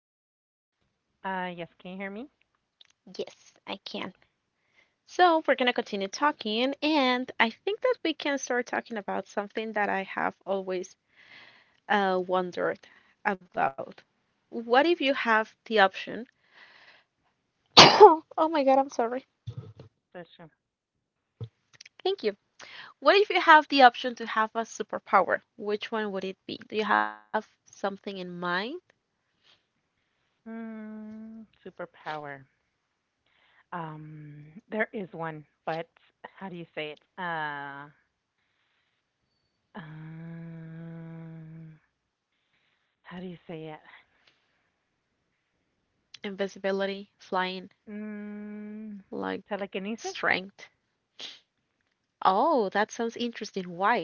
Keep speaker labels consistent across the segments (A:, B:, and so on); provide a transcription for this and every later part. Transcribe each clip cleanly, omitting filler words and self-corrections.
A: me?
B: Yes, can you hear me?
A: Yes, I can. So, we're going to continue talking, and I think that we can start talking about something that I have always wondered about. What if you have the option? Oh my God, I'm sorry.
B: That's true.
A: Thank you. What if you have the option to have a superpower? Which one would it be? Do you have something in mind?
B: Mm, superpower. Um, there is one, but how do you say it? Um, how do you say it?
A: Invisibility, flying,
B: Mm,
A: like
B: telekinesis?
A: strength? Oh, that sounds interesting. Why?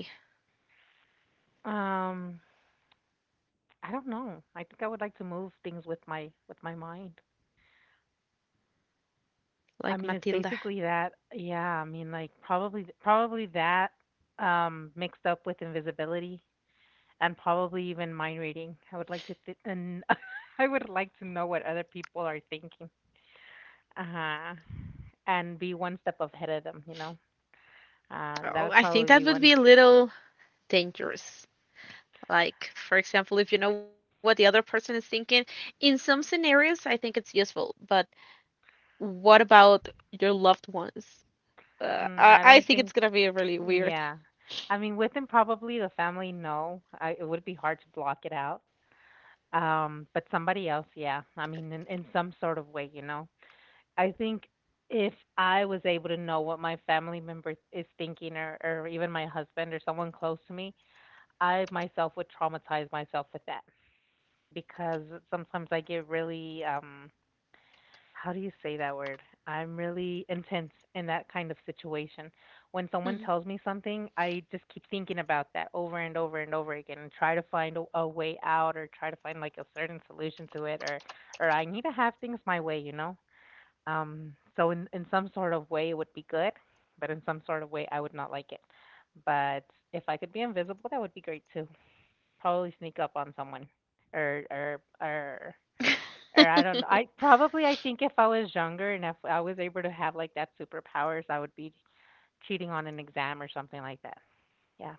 B: Um, I don't know. I think I would like to move things with my mind.
A: Like
B: I mean, it's
A: Matilda.
B: basically that. Yeah, I mean, like probably that mixed up with invisibility, and probably even mind reading. I would like to th- and I would like to know what other people are thinking. Uh-huh. And be one step ahead of them, you know. That
A: Oh,
B: would
A: I think
B: probably
A: that
B: be
A: would
B: one.
A: be a little dangerous. Like, for example, if you know what the other person is thinking, in some scenarios, I think it's useful. But what about your loved ones?
B: Mm, I don't
A: I,
B: think
A: I think it's gonna be really
B: yeah.
A: weird.
B: I mean, within probably the family, no. I It would be hard to block it out. But somebody else, yeah. I mean, in some sort of way, you know. I think if I was able to know what my family member is thinking, or even my husband or someone close to me, I myself would traumatize myself with that, because sometimes I get really how do you say that word? I'm really intense in that kind of situation. When someone tells me
A: Mhm.
B: something, I just keep thinking about that over and over and over again, and try to find a way out, or try to find like a certain solution to it, or I need to have things my way, you know? So in some sort of way it would be good, but in some sort of way I would not like it. But if I could be invisible, that would be great too, probably sneak up on someone or or or or I don't know. I think if I was younger and if I was able to have like that superpowers, I would be cheating on an exam or something like that. Yeah.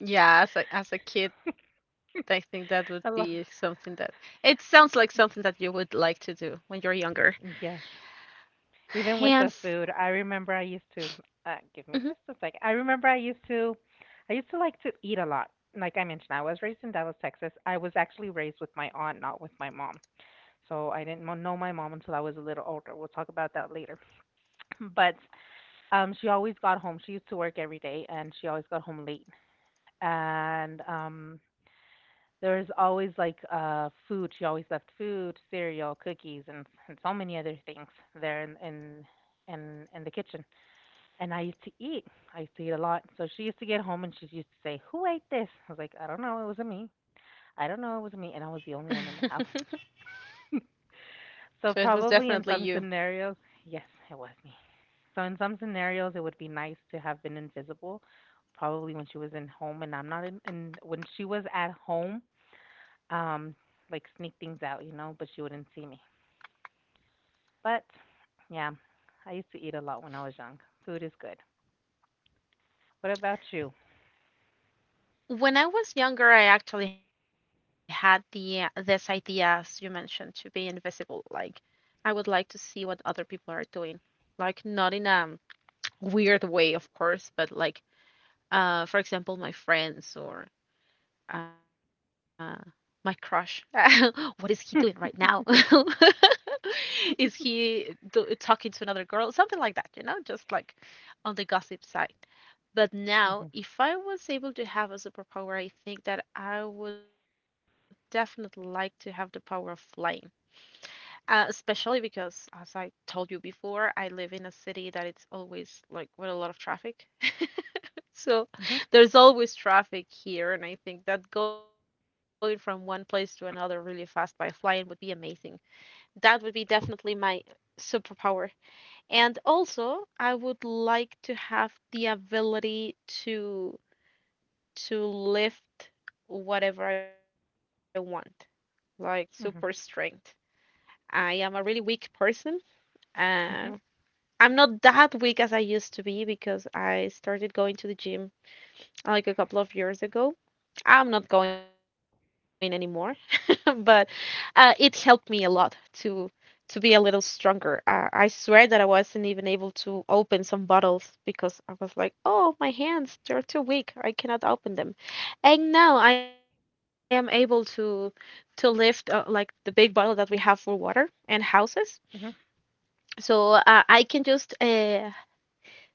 A: Yeah, as a kid, I think that would be something
B: I
A: that
B: love
A: it sounds like something that you would like to do when you're younger.
B: yes. Even
A: And
B: with the
A: f-
B: food, I remember I used to give me
A: Mhm.
B: just a sec. I remember I used to like to eat a lot. Like I mentioned, I was raised in Dallas, Texas. I was actually raised with my aunt, not with my mom. So I didn't know my mom until I was a little older. We'll talk about that later. But She always got home. She used to work every day, and she always got home late. And there was always food. She always left food, cereal, cookies, and so many other things there in the kitchen. And I used to eat. I used to eat a lot. So she used to get home, and she used to say, "Who ate this?" I was like, "I don't know. It wasn't me. I don't know. It wasn't me." And I was the only one in the house.
A: So it
B: So
A: was
B: probably
A: definitely
B: in
A: you.
B: some scenarios, yes, it was me. So in some scenarios, it would be nice to have been invisible. Probably when she was in home and I'm not in, in when she was at home, um, like sneak things out, you know, but she wouldn't see me. But yeah, I used to eat a lot when I was young. Food is good. What about you?
A: When I was younger, I actually had the this idea, as you mentioned, to be invisible. Like I would like to see what other people are doing, like not in a weird way, of course, but like, for example, my friends or uh, my crush. What is he doing right now? Is he do talking to another girl? Something like that, you know, just like on the gossip side. But now,
B: Mhm.
A: if I was able to have a superpower, I think that I would definitely like to have the power of flying. Especially because, as I told you before, I live in a city that it's always like with a lot of traffic. So
B: Mhm.
A: there's always traffic here, and I think that going from one place to another really fast by flying would be amazing. That would be definitely my superpower. And also, I would like to have the ability to lift whatever I want, like super strength.
B: Mhm.
A: I am a really weak person. Uh,
B: Mhm.
A: I'm not that weak as I used to be because I started going to the gym like a couple of years ago. I'm not going anymore, but it helped me a lot to be a little stronger. I swear that I wasn't even able to open some bottles because I was like, "Oh, my hands, they're too weak. I cannot open them." And now I am able to to lift like the big bottle that we have for water and houses.
B: Mhm.
A: So uh, I can just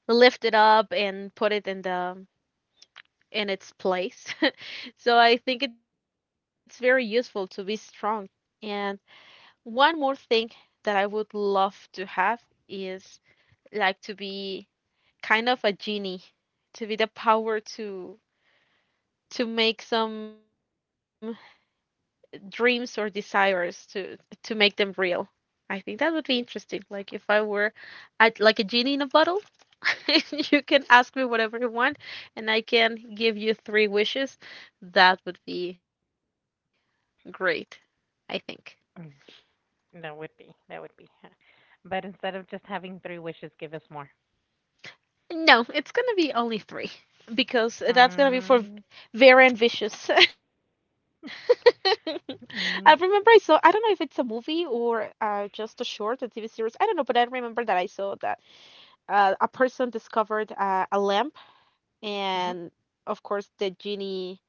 A: lift it up and put it in the in its place. So I think it's very useful to be strong. And one more thing that I would love to have is like to be kind of a genie, to be the power to make some dreams or desires to make them real. I think that would be interesting. Like if I were at like a genie in a bottle, you can ask me whatever you want and I can give you three wishes. That would be great, I think.
B: Mm. That would be. That would be. But instead of just having three wishes, give us more.
A: No, it's gonna be only three because that's gonna be for
B: Mm-hmm.
A: Vera and Vicious. I remember I saw, I
B: Mm-hmm.
A: don't know if it's a movie or just a short, a TV series. I don't know, but I remember that I saw that a person discovered a lamp,
B: Mm-hmm.
A: and of course, the genie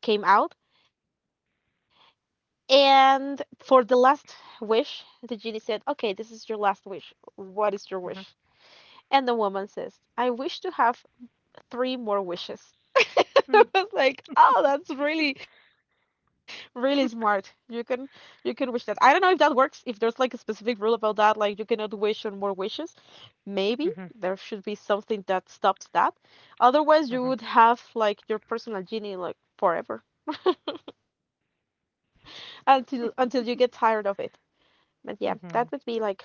A: came out. And for the last wish, the genie said, "Okay, this is your last wish. What is your wish?" And the woman says, "I wish to have three more wishes." I
B: Mm,
A: was like, oh, that's really, really smart. You can wish that. I don't know if that works, if there's like a specific rule about that, like you cannot wish on more wishes. Maybe
B: mhm,
A: there should be something that stops that. Otherwise, you
B: mhm,
A: would have like your personal genie like forever. Until you get tired of it. And yeah, that would be
B: mhm.
A: like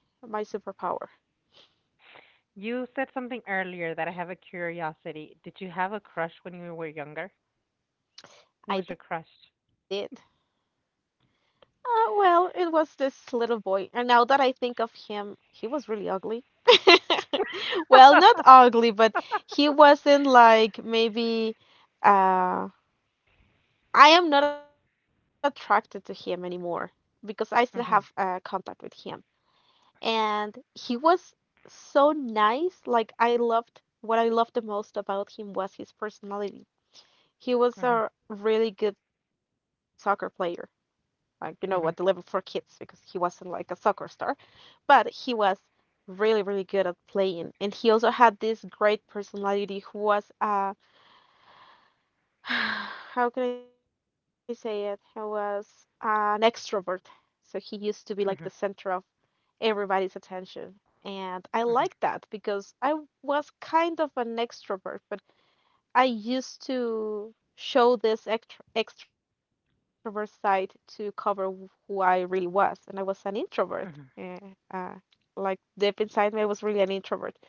A: my superpower.
B: You said something earlier that I have a curiosity. Did you have a crush when you were younger? Who
A: I
B: was your
A: did.
B: crush?
A: Well, it was this little boy, and now that I think of him, he was really ugly. Well, not ugly, but he wasn't like maybe uh I am not attracted to him anymore because I still have
B: Mhm,
A: contact with him. And he was so nice, like I loved what I loved the most about him was his personality. He was
B: mhm,
A: a really good soccer player, like, you know, what deliver for
B: mhm,
A: kids because he wasn't like a soccer star, but he was really, really good at playing, and he also had this great personality. Who was how can I say it? He was an extrovert, so he used to be like the
B: mhm,
A: center of everybody's attention. And I
B: mhm,
A: like that because I was kind of an extrovert, but I used to show this extrovert side to who I really was, and I was an introvert.
B: mhm,
A: eh, uh, like deep inside me, I was really an introvert.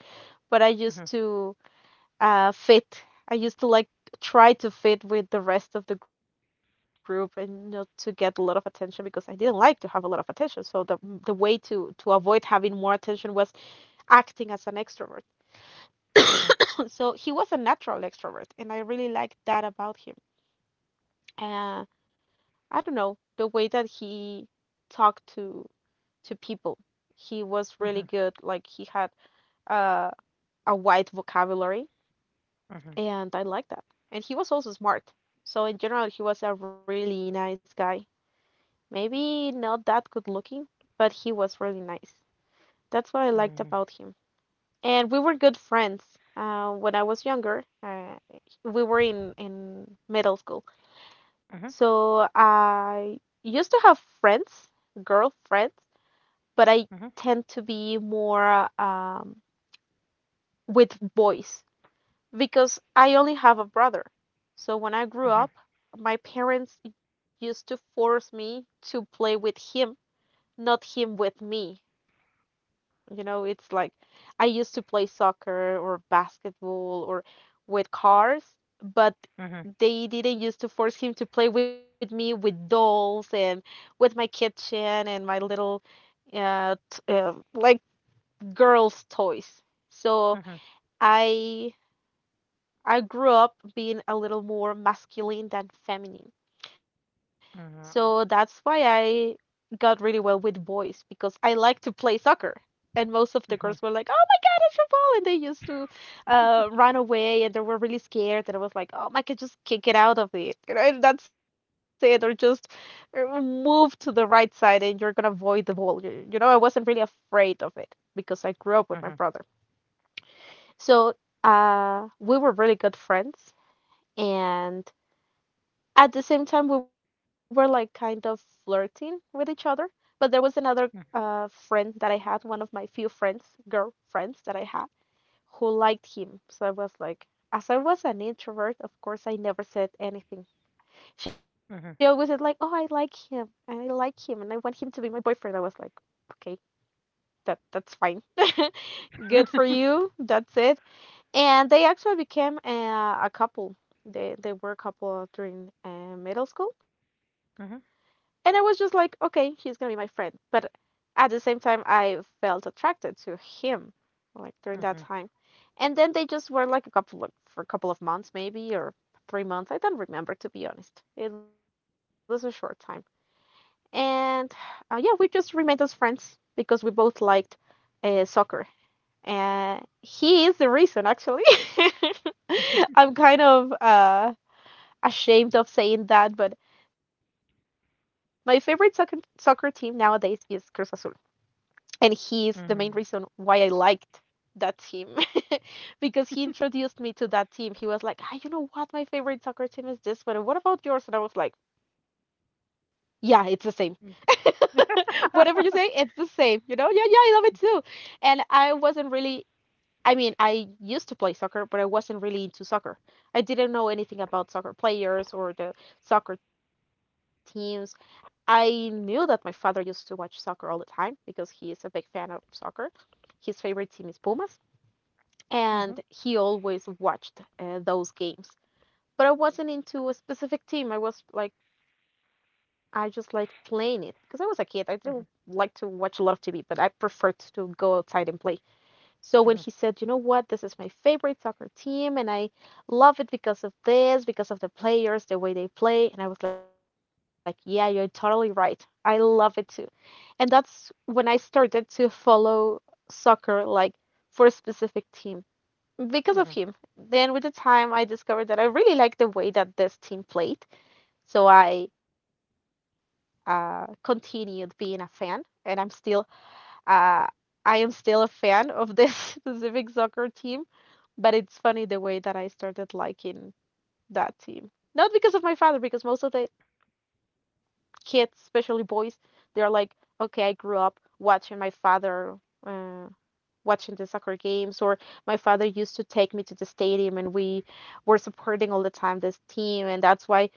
A: But I used
B: mhm,
A: to fit. I used to like try to fit with the rest of the group and not to get a lot of attention because I didn't like to have a lot of attention. So the way to avoid having more attention was acting as an extrovert.
B: mhm, mhm,
A: So he was a natural extrovert, and I really liked that about him. uh, I don't know, the way that he talked to people. He was really
B: mhm, mhm,
A: good. Like he had uh, a wide vocabulary,
B: mhm,
A: and I like that. And he was also smart. So in general, he was a really nice guy. Maybe not that good looking, but he was really nice. That's what I liked
B: mhm, mhm,
A: about him. And we were good friends. When I was younger, we were in middle school.
B: mhm,
A: So I used to have friends, girlfriends, but I
B: mhm,
A: tend to be more with boys because I only have a brother. So when I grew up, my parents used to force me to play with him, not him with me. You know, it's like I used to play soccer or basketball or with cars, but they didn't used to force him to play with me with dolls and with my kitchen and my little like girls toys. So i I grew up being a little more masculine than feminine, so that's why I got really well with boys because I like to play soccer. And most of the girls were like, "Oh my God, it's a ball!" And they used to run away, and they were really scared. And I was like, "Oh my God, just kick it out of it, you know, and that's it, or just move to the right side, and you're gonna avoid the ball." You know, I wasn't really afraid of it because I grew up with my
B: mhm, mhm, mhm,
A: brother. So we were really good friends, and at the same time we were like kind of flirting with each other, but there was another friend that I had, one of my few friends, girl friends that I had, who liked him. So I was like, as I was an introvert, of course, I never said anything. She always said,
B: mhm, mhm,
A: like,
B: mhm, mhm.
A: oh, I like him, and I like him, and I want him to be my boyfriend. I was like, okay, that's fine. Good for you, that's it. And they actually became a couple. They were a couple during middle school. And I was just like, okay, he's gonna be my friend. But at the same time, I felt attracted to him, like during that time. And then they just were like for a couple of months, maybe, or 3 months. I don't remember, to be honest. It was a short time. And yeah, we just remained as friends because we both liked soccer. And he is the reason, actually. I'm kind of ashamed of saying that, but my favorite soccer team nowadays is Cruz Azul. And he is the main reason why I liked that team because he introduced me to that team. He was like, ah, you know what? My favorite soccer team is this, but what about yours? And I was like, yeah, it's the same. Whatever you
B: Mhm,
A: say, it's the same. You know, yeah, yeah, I love it too. And I wasn't really, I mean, I used to play soccer, but I wasn't really into soccer. I didn't know anything about soccer players or the soccer teams. I knew that my father used to watch soccer all the time because he is a big fan of soccer. His favorite team is Pumas, and he always watched those games. But I wasn't into a specific team. I was like, I just like playing it because I was a kid. I didn't like to
B: mhm,
A: watch a lot of TV, but I preferred to go outside and play. So when he said, you know what, this is my favorite soccer team and I love it because of this, because of the players, the way they play, and I was like, yeah, you're totally right. I love it too. And that's when I started to follow soccer like for a specific team because of
B: mhm,
A: him. Then with the time I discovered that I really like the way that this team played. So I continued being a fan and I'm still uh, I am still a fan of this specific soccer team, but it's funny the way that I started liking that team. Not because of my father, because most of the kids, especially boys, they are like, okay, I grew up watching my father uh, watching the soccer games, or my father used to take me to the stadium and we were supporting all the time this team, and that's why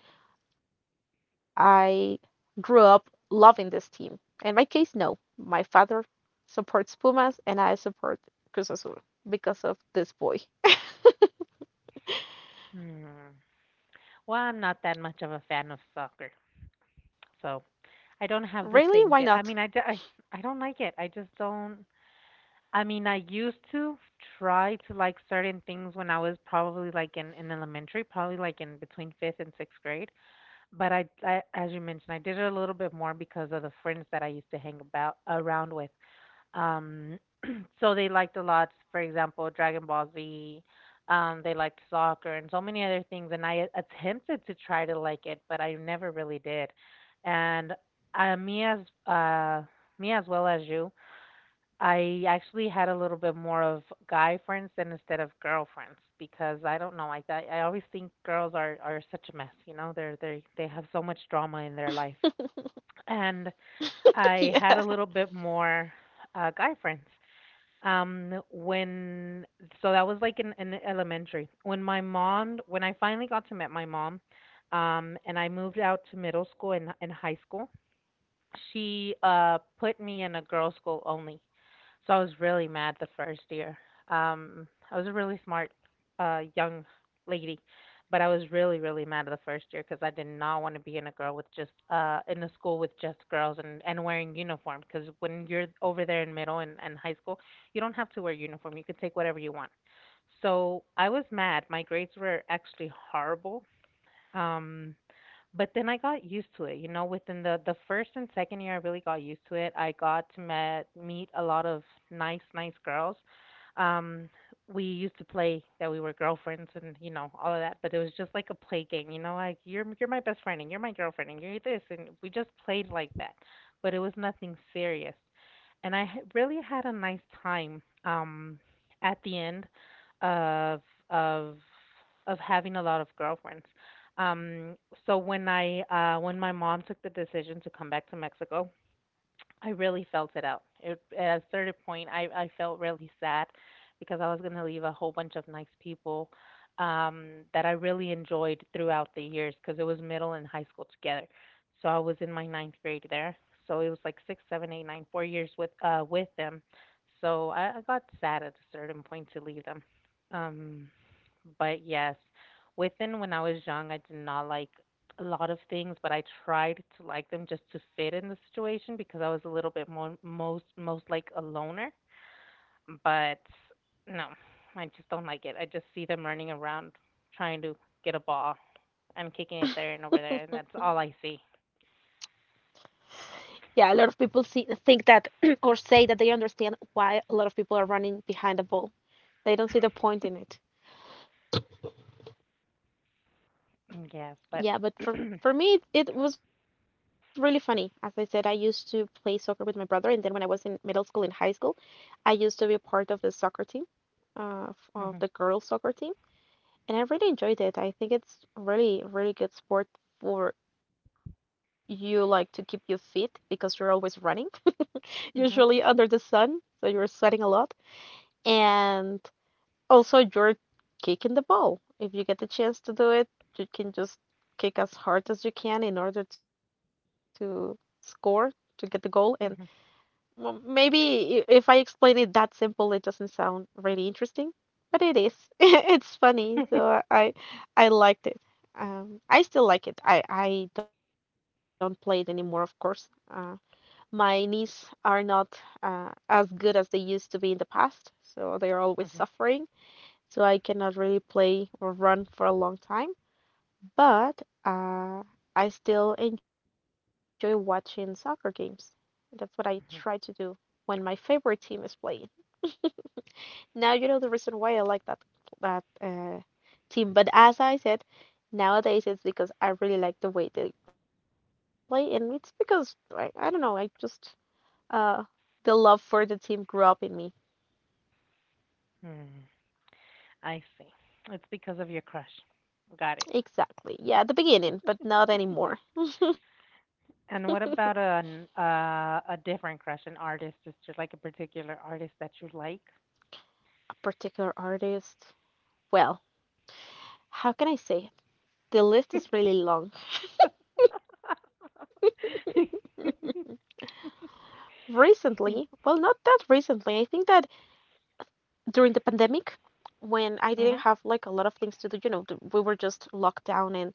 A: I grew up loving this team. In my case, no. My father supports Pumas and I support Cruz Azul because of this boy.
B: mhm, mhm. Well, I'm not that much of a fan of soccer, so
A: Really?
B: I
A: Why
B: don't have the
A: not?
B: same feel. I mean, I don't like it. I just don't. I mean, I used to try to like certain things when I was probably like in elementary, probably like in between fifth and sixth grade. But as you mentioned, I did it a little bit more because of the friends that I used to hang about around with. Um, so they liked a lot, for example, Dragon Ball Z. They liked soccer and so many other things. And I attempted to try to like it, but I never really did. And uh, me as uh, me as well as you, I actually had a little bit more of guy friends than instead of girlfriends, because I don't know, like I always think girls are such a mess. You know, they have so much drama in their life, and
A: Yeah.
B: I had a little bit more guy friends. When So that was like in elementary. When I finally got to meet my mom, and I moved out to middle school and high school, she put me in a girls' school only. So I was really mad the first year. I was a really smart young lady, but I was really, really mad the first year, because I did not want to be in a girl with just in a school with just girls and wearing uniform. Because when you're over there in middle and high school, you don't have to wear uniform. You can take whatever you want. So I was mad. My grades were actually horrible. Um, but then I got used to it, you know, within the first and second year I really got used to it. I got to meet a lot of nice girls. Um we used to play that we were girlfriends and you know all of that, but it was just like a play game, you know, like you're my best friend and you're my girlfriend and you're this, and we just played like that. But it was nothing serious. And I really had a nice time at the end of of of having a lot of girlfriends, um, when my mom took the decision to come back to Mexico, I really felt it out. At a certain point, I felt really sad because I was going to leave a whole bunch of nice people that I really enjoyed throughout the years, because it was middle and high school together. So I was in my ninth grade there. So it was like six, seven, eight, nine, four years with them. So I got sad at a certain point to leave them. Um, but yes, within when I was young, I did not like a lot of things, but I tried to like them just to fit in the situation, because I was a little bit more most like a loner. But no, I just don't like it. I just see them running around trying to get a ball and kicking it there and over there, and that's all I see.
A: Yeah, a lot of people see, think that or say that they understand why a lot of people are running behind the ball. They don't see the point in it.
B: Yes, but
A: Yeah, but for
B: mhm,
A: for me, it was really funny. As I said, I used to play soccer with my brother, and then when I was in middle school and high school, I used to be part of the soccer team. Of the
B: mhm,
A: girls soccer team, and I really enjoyed it. I think it's really, really good sport for you, like to keep you fit because you're always running, usually
B: mhm,
A: under the sun, so you're sweating a lot, and also you're kicking the ball. If you get the chance to do it, you can just kick as hard as you can in order to score, to get the goal, and well, maybe if I explain it that simple, it doesn't sound really interesting, but it is. It's funny, so I liked it. I still like it. I don't play it anymore, of course. My knees are not as good as they used to be in the past, so they are always
B: mhm,
A: suffering. So I cannot really play or run for a long time. But I still enjoy watching soccer games. That's what I try to
B: mhm,
A: do when my favorite team is playing. Now you know the reason why I like that team. But as I said, nowadays it's because I really like the way they play, and it's because I don't know, I just uh the love for the team grew up in me.
B: mhm. I see. It's because of your crush. Got it.
A: Exactly. Yeah, at the beginning, but not anymore. A
B: And what about a different crush, an artist? Is there like a particular artist that you like?
A: particular artist. Well, how can I say it? The list is really long. Recently, well, not that recently. I think that during the pandemic, when I didn't have
B: Mhm.
A: like a lot of things to do, you know, we were just locked down and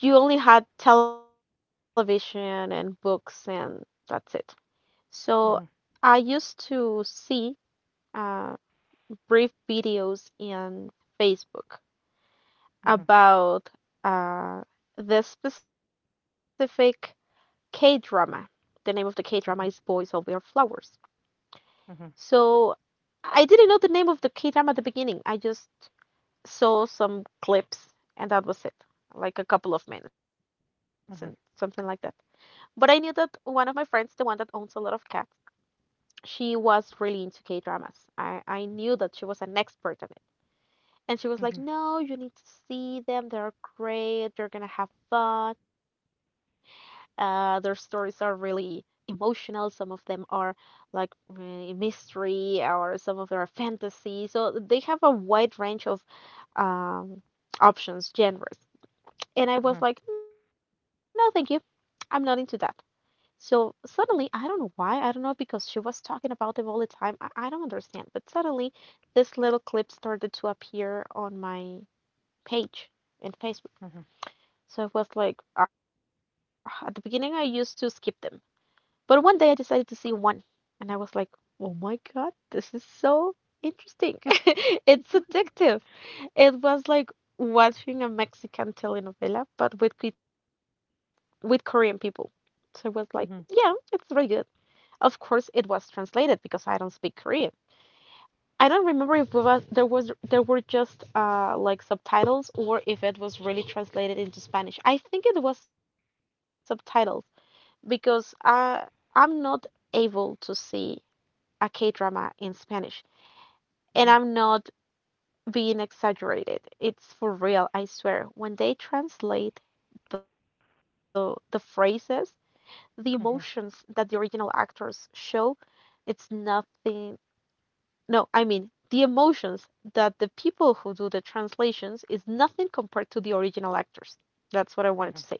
A: you only had television and books and that's it. So I
B: Mhm.
A: used to see uh, brief videos in Facebook
B: Mhm.
A: about uh, this specific K drama. The name of the K drama is Boys
B: Mhm.
A: Over Flowers.
B: Mhm.
A: So I didn't know the name of the K drama at the beginning. I just saw some clips and that was it. Like a couple of minutes and something like that.
B: Mhm.
A: But I knew that one of my friends, the one that owns a lot of cats, she was really into K dramas. I knew that she was an expert on it. And she was like,
B: Mhm.
A: no, you need to see them. They're great. You're going to have fun. Their stories are really emotional. Some of them are like mystery, or some of them are fantasy. So they have a wide range of um, options, genres. And I was
B: Mhm.
A: like, no, thank you. I'm not into that. So suddenly, I don't know why. I don't know because she was talking about them all the time. I don't understand. But suddenly, this little clip started to appear on my page in Facebook.
B: Mhm.
A: So it was like, ah, at the beginning, I used to skip them. But one day I decided to see one, and I was like, oh my God, this is so interesting. It's addictive. It was like watching a Mexican telenovela, but with with Korean people. So it was like, yeah, it's
B: Mhm.
A: really good. Of course, it was translated because I don't speak Korean. I don't remember if we was there were just like subtitles or if it was really translated into Spanish. I think it was subtitles because I'm not able to see a K drama in Spanish, and I'm not being exaggerated. It's for real, I swear. When they translate the phrases, the emotions
B: Mhm.
A: that the original actors show, it's nothing. No, I mean the emotions that the people who do the translations is nothing compared to the original actors. That's what I wanted
B: Mhm.
A: to say.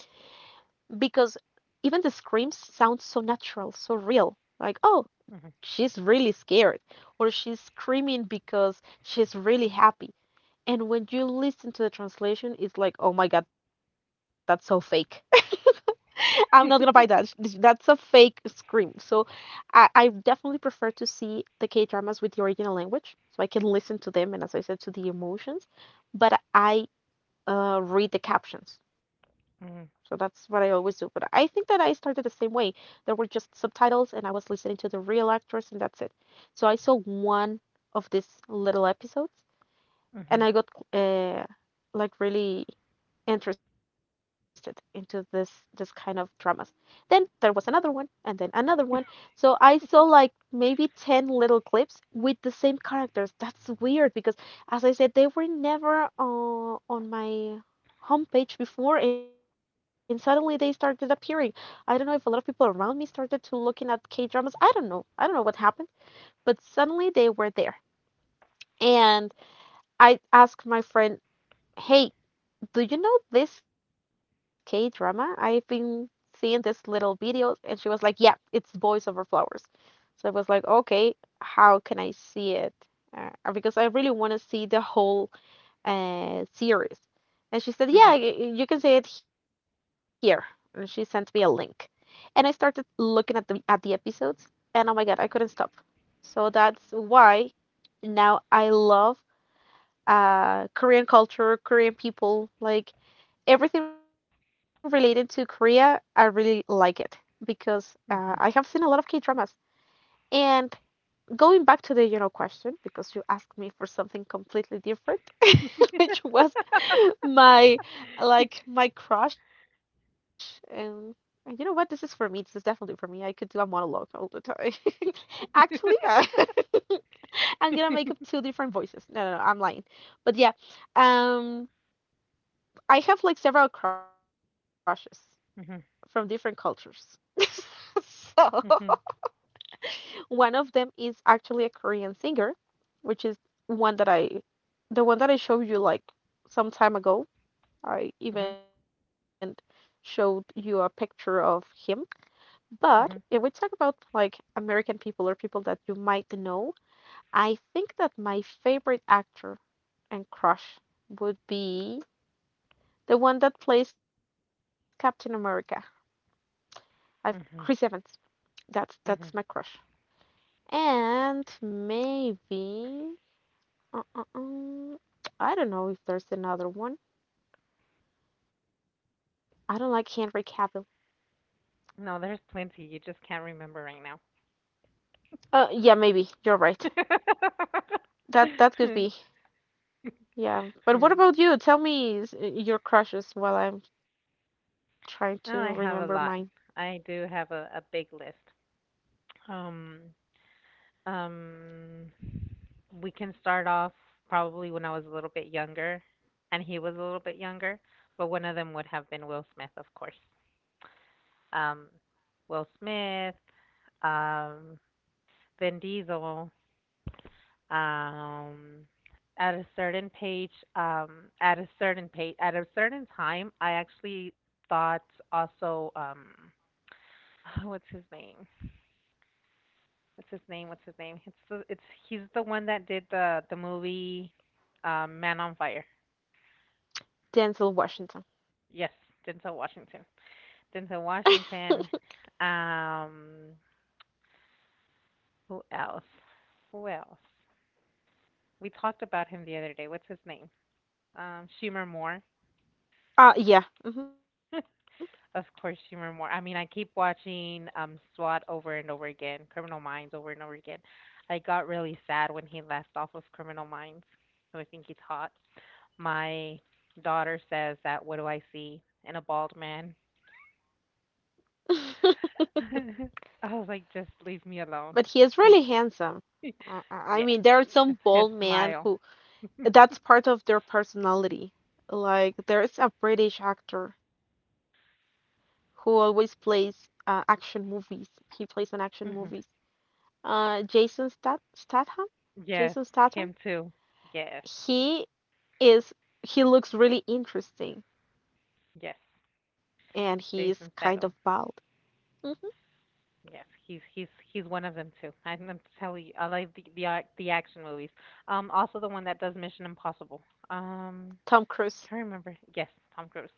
A: Because even the screams sound so natural, so real. Like, oh, she's really scared, or she's screaming because she's really happy. And when you listen to the translation, it's like, oh my God, that's so fake. I'm not gonna buy that. That's a fake scream. So I definitely prefer to see the K dramas with the original language so I can listen to them and, as I said, to the emotions. But I read the captions. So that's what I always do. But I think that I started the same way. There were just subtitles, and I was listening to the real actors, and that's it. So I saw one of these little episodes, and
B: Mhm.
A: I got uh, like really interested into this kind of dramas. Then there was another one and then another one. So I saw like maybe 10 little clips with the same characters. That's weird because as I said they were never on my homepage before and suddenly they started appearing. I don't know if a lot of people around me started to looking at K-dramas. I don't know. I don't know what happened, but suddenly they were there. And I asked my friend, hey, do you know this K drama? I've been seeing this little video, and she was like, yeah, it's Boys Over Flowers. So I was like, okay, how can I see it? Because I really want to see the whole series. And she said, yeah, you can see it here. And she sent me a link. And I started looking at the episodes, and oh my God, I couldn't stop. So that's why now I love Korean culture, Korean people. Like everything related to Korea, I really like it because I
B: Mhm. Mhm.
A: have
B: Mhm. Mhm. Mhm.
A: seen a lot of K dramas. And going back to the question, because you asked me for something completely different,
B: Mhm.
A: which was my like my crush, and you know what? This is for me. This is definitely for me. I could do a monologue all the time. Actually, I'm gonna make up two different voices. No, no, no, I'm lying. But yeah, um, I have like several crushes from different
B: Mhm.
A: cultures. So
B: Mhm.
A: one of them is actually a Korean singer, which is one that I, the one that I showed you like some time ago. I
B: Mhm.
A: even showed you a picture of him. But if we
B: Mhm.
A: talk about like American people or people that you might know, I think that my favorite actor and crush would be the one that plays Captain America. I've Chris Evans.
B: Mhm.
A: That's my
B: Mhm.
A: crush. And maybe, uh, uh, um, I don't know if there's another one. I don't like Henry Cavill.
B: No, there's plenty. You just can't remember right now.
A: Yeah, maybe you're right. That could be. Yeah, but what
B: Hmm.
A: about you? Tell me your crushes while I'm trying to remember
B: Oh,
A: mine.
B: I have a lot. I do have a big list. Um, um, we can start off probably when I was a little bit younger, and he was a little bit younger, but one of them would have been Will Smith, of course. Um, Will Smith, um, Vin Diesel. Um, at a certain page, um, at a certain page, at a certain time, I actually thought also, what's his name? What's his name? What's his name? It's the, it's he's the one that did the movie, Man on Fire.
A: Denzel Washington.
B: Yes, Denzel Washington. Denzel Washington. Um, who else? Who else? We talked about him the other day. What's his name? Schumer Moore.
A: Yeah. Hmm.
B: Of course, Schumer Moore. I mean, I keep watching SWAT over and over again, Criminal Minds over and over again. I got really sad when he left off of Criminal Minds, so I think he's hot. My daughter says that, "What do I see in a bald man?" I was like, "Just leave me alone.
A: But he is really
B: He's
A: handsome. I
B: Yes.
A: mean, there are
B: It's
A: some
B: his
A: bald men
B: smile.
A: who that's part of their personality. Like, there's a British actor who always plays action movies. He plays in action movies.
B: Hmm.
A: Statham.
B: Yes,
A: Jason Statham.
B: him too. Yes.
A: He is. He looks really interesting,
B: Yes.
A: and he is kind of
B: Jason
A: bald.
B: Statham.
A: Hmm.
B: Yes, he's one of them too. I'm telling you, I like the action movies. Also the one that does Mission Impossible. Um, can't
A: Tom
B: remember.
A: Cruise.
B: Yes, Tom Cruise.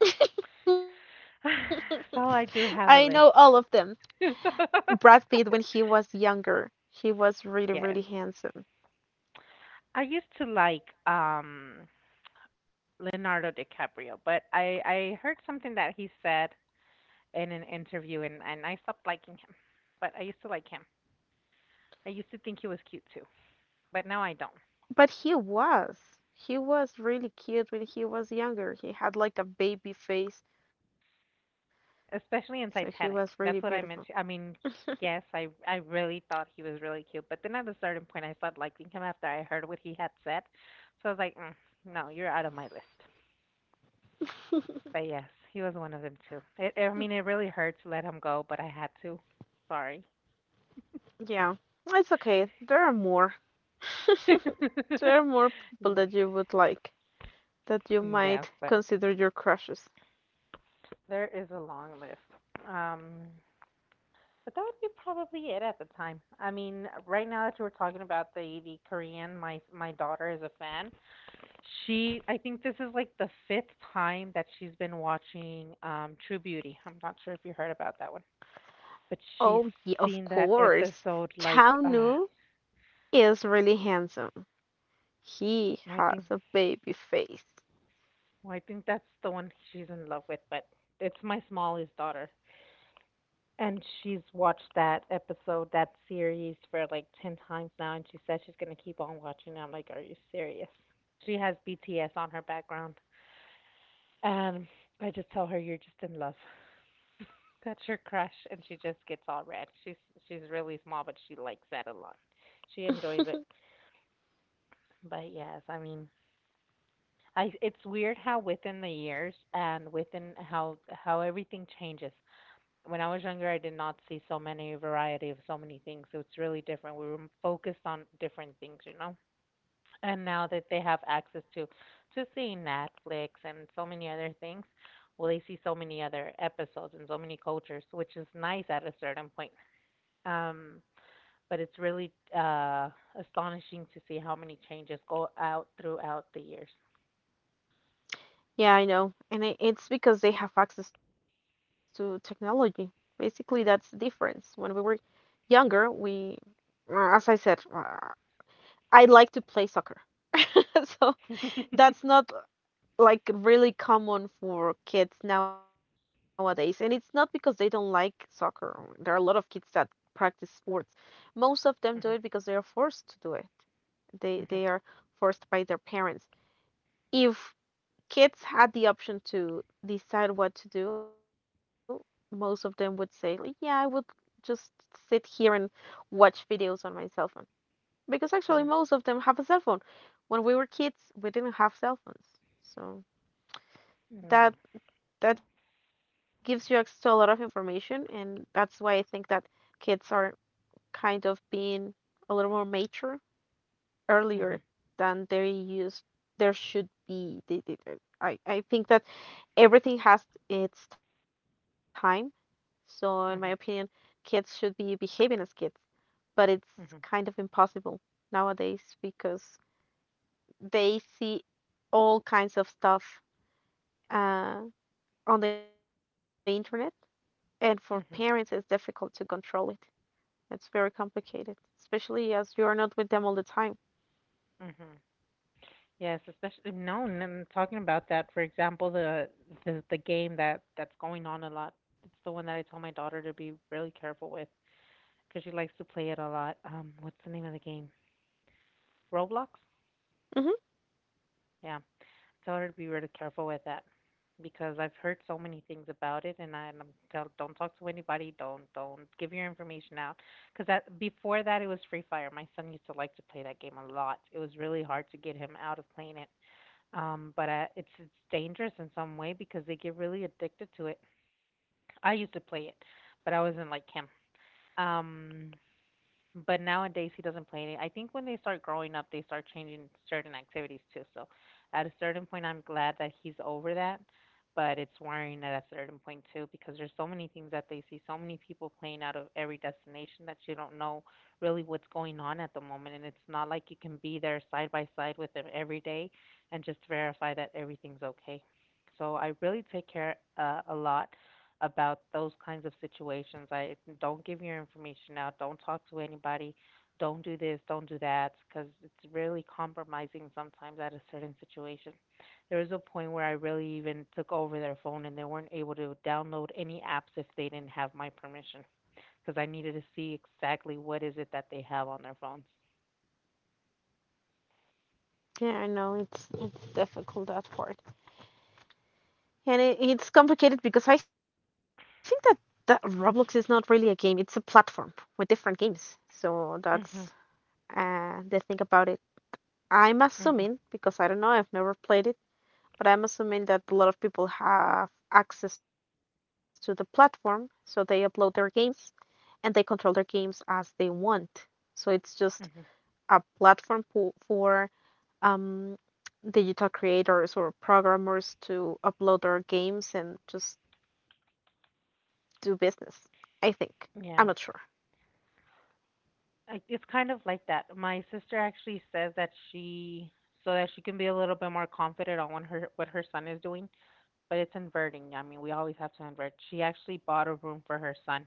B: So I do have a
A: I know
B: list.
A: all of them. Brad Pitt, when he was younger, he
B: Yes.
A: was really, really handsome.
B: I used to like Leonardo DiCaprio, but I heard something that he said in an interview, and I stopped liking him. But I used to like him. I used to think he was cute too, but now I don't.
A: But he was. He was really cute when he was younger. He had like a baby face,
B: Especially in
A: so he
B: Titanic.
A: was really
B: That's what I meant.
A: beautiful.
B: Yes, I really thought he was really cute, but then at a certain point, I started liking him after I heard what he had said. So I was like, no, you're out of my list. But yes, he was one of them too. It really hurt to let him go, but I had to. Sorry.
A: Yeah, it's okay. There are more. There are more people that you would like, that you
B: Yes,
A: might
B: but
A: consider your crushes.
B: there is a long list. But that would be probably it at the time. I mean, right now that you were talking about the Korean, my daughter is a fan. I think this is like the fifth time that she's been watching True Beauty. I'm not sure if you heard about that one, but
A: Oh,
B: she's
A: yeah, of
B: seen that
A: course.
B: episode
A: Chao
B: like
A: Nu is really handsome. He
B: I
A: has
B: think
A: a baby face.
B: I think that's the one she's in love with, but it's my smallest daughter. And she's watched that episode, that series for like 10 times now, and she says she's going to keep on watching. I'm like, are you serious? She has BTS on her background. And I just tell her, you're just in love. That's your crush. And she just gets all red. She's really small, but she likes that a lot. She enjoys it. But yes, it's weird how within the years and within how everything changes. When I was younger, I did not see so many variety of so many things. So it's really different. We were focused on different things, And now that they have access to seeing Netflix and so many other things, well, they see so many other episodes and so many cultures, which is nice at a certain point. Um, but it's really astonishing to see how many changes go out throughout the years.
A: Yeah, I know. It's because they have access to technology. Basically, that's the difference. When we were younger, as I said, I like to play soccer. So that's not like really common for kids nowadays, and it's not because they don't like soccer. There are a lot of kids that practice sports. Most of them do it
B: Mhm,
A: because they are forced to do it. they
B: mhm,
A: they are forced by their parents. If kids had the option to decide what to do, most of them would say like, yeah, I would just sit here and watch videos on my cell phone, because actually
B: mhm.
A: most of them have a cell phone. When we were kids, we didn't have cell phones. So
B: No.
A: that that gives you access to a lot of information, and that's why I think that kids are kind of being a little more mature earlier
B: Mhm,
A: than they used there should be. I think that everything has its time. So in my opinion,
B: mhm,
A: kids should be behaving as kids, but it's
B: mhm,
A: kind of impossible nowadays because they see all kinds of stuff uh, on the internet. And for parents, it's
B: mhm,
A: difficult to control it. It's very complicated, especially as you are not with them all the time.
B: mhm. Yes, especially no, and I'm talking about that. For example, the the game that that's going on a lot. It's the one that I told my daughter to be really careful with because she likes to play it a lot. What's the name of the game? Roblox?
A: Hmm.
B: Yeah. Tell her to be really careful with that because I've heard so many things about it, and I'm tell don't talk to anybody, don't give your information out, because that before that it was Free Fire. My son used to like to play that game a lot. It was really hard to get him out of playing it. But I, it's dangerous in some way because they get really addicted to it. I used to play it, but I wasn't like him. Um, but nowadays he doesn't play any. I think when they start growing up, they start changing certain activities too. So at a certain point, I'm glad that he's over that, but it's worrying at a certain point too because there's so many things that they see, so many people playing out of every destination that you don't know really what's going on at the moment, and it's not like you can be there side by side with them every day and just verify that everything's okay. So I really take care a lot about those kinds of situations. I don't give your information out. Don't talk to anybody. Don't do this. Don't do that because it's really compromising sometimes at a certain situation. There was a point where I really even took over their phone and they weren't able to download any apps if they didn't have my permission because I needed to see exactly what is it that they have on their phones.
A: Yeah, I know, it's difficult that part, and it's complicated because I think that Roblox is not really a game; it's a platform with different games. So that's
B: Mhm.
A: the thing about it. I'm
B: Mhm.
A: assuming, because I don't know, I've never played it, but I'm assuming that a lot of people have access to the platform, so they upload their games and they control their games as they want. So it's just
B: Mhm.
A: a platform for um, digital creators or programmers to upload their games and just do business. I think. I'm not sure.
B: Yeah. It's kind of like that. My sister actually says that so that she can be a little bit more confident on what her son is doing, but it's inverting. I mean, we always have to invert. She actually bought a room for her son,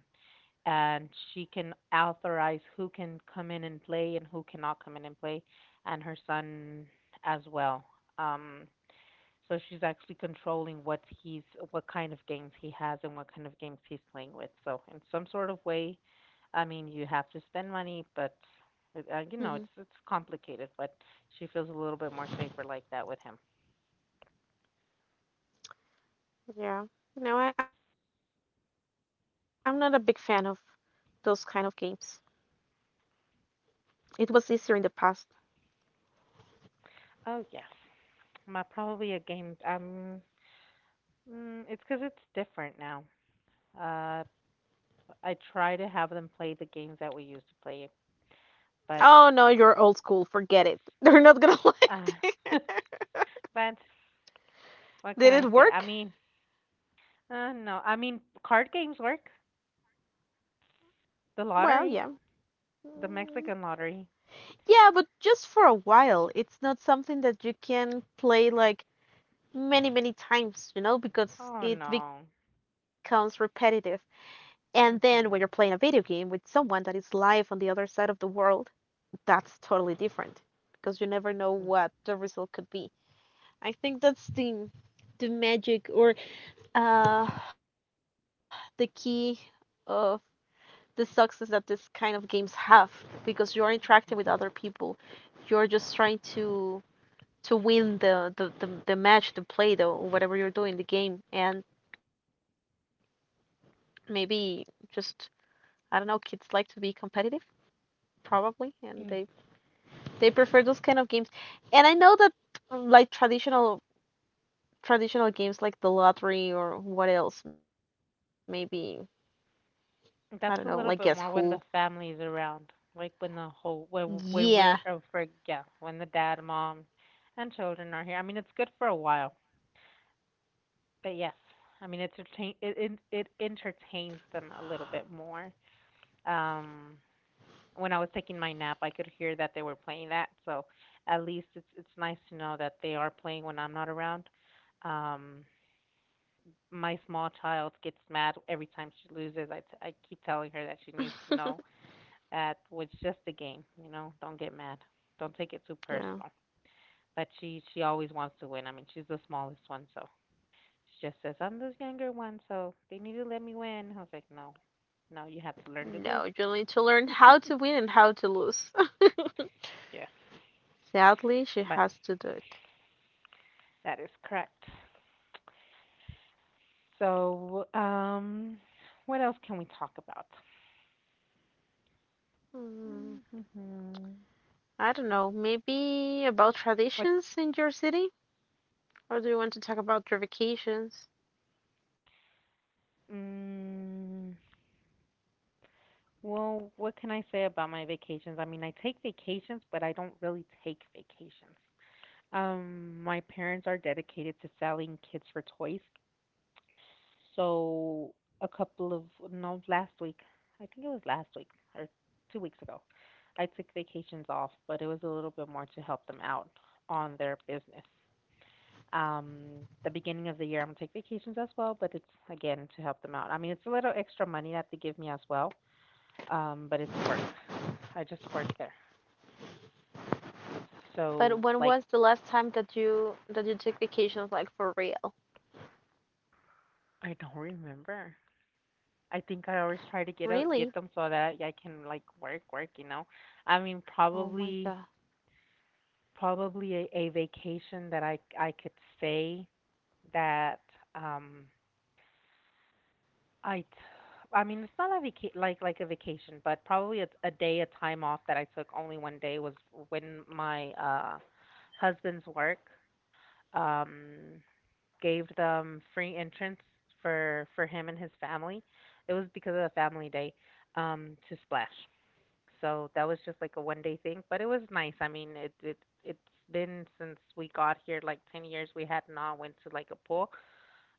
B: and she can authorize who can come in and play and who cannot come in and play, and her son as well. Um, so she's actually controlling what kind of games he has and what kind of games he's playing with. So in some sort of way, I mean, you have to spend money, but you know,
A: Hmm.
B: it's complicated. But she feels a little bit more safer like that with him.
A: Yeah. No, I'm not a big fan of those kind of games. It was easier in the past.
B: Oh yes, my probably a game. It's because it's different now. Uh, I try to have them play the games that we used to play, but
A: Oh no, you're old school. Forget it. They're not gonna
B: uh,
A: like it.
B: but what can
A: Did
B: I
A: it
B: say?
A: work?
B: No, I mean card games work. The
A: Well, yeah.
B: lottery? The
A: Mm.
B: Mexican lottery?
A: Yeah, but just for a while. It's not something that you can play like many, many times, you know, because
B: Oh,
A: it
B: no.
A: becomes repetitive. And then when you're playing a video
B: Mhm.
A: game with someone that is live on the other side of the world, that's totally different because you never know
B: Mm.
A: what the result could be. I think that's the magic or uh the key of the success that this kind of games have, because you are interacting with
B: Mhm.
A: other people. You're just trying to win the match, the play, the whatever you're doing, the game. And maybe just, I don't know, kids like to be competitive probably, and they
B: Mm.
A: they prefer those kind of games. And I know that, like traditional games like the lottery or what else, maybe I don't know, like Guess
B: That's a little
A: Who.
B: bit more when the family is around, like when the whole when we're
A: Yeah.
B: for yeah, when the dad, mom, and children are here. I mean, it's good for a while, but yes, I mean, it's retain it it, it entertains them a little bit more. Um, when I was taking my nap, I could hear that they were playing that, so at least it's nice to know that they are playing when I'm not around. Um, my small child gets mad every time she loses. I keep telling her that she needs to know that "Well, it's just a game, don't get mad. Don't take it too personal.
A: Yeah.
B: But she always wants to win. I mean, she's the smallest one, so she just says, "I'm the younger one, so they need to let me win." I was like, "No, no, you have to learn to
A: No,
B: lose."
A: you need to learn how to win and how to lose.
B: Yes,
A: Sadly,
B: but
A: she has to do it.
B: that is correct. So, what else can we talk about?
A: Mm.
B: Mm-hmm.
A: I don't know, maybe about
B: What?
A: traditions in your city? Or do you want to talk about your vacations?
B: Mm, well, what can I say about my vacations? I mean, I take vacations, but I don't really take vacations. My parents are dedicated to selling kids for toys. So a couple of, no, last week, I think it was last week or 2 weeks ago, I took vacations off, but it was a little bit more to help them out on their business. Um, the beginning of the year, I'm gonna take vacations as well, but it's again to help them out. I mean, it's a little extra money that they give me as well, but it's work. I just work there. So like
A: But when was the last time that you took vacations like for real?
B: I don't remember. I think I always try to get out,
A: Really?
B: get them so that I can like work, I mean, probably
A: Oh my god.
B: a vacation that I could say that um I t- I mean, it's not a like a vacation, but probably a day, a time off that I took only one day was when my husband's work um gave them free entrance for him and his family. It was because of the family day to Splash. So that was just like a one day thing, but it was nice. I mean, it it's been since we got here like 10 years we had not went to like a pool.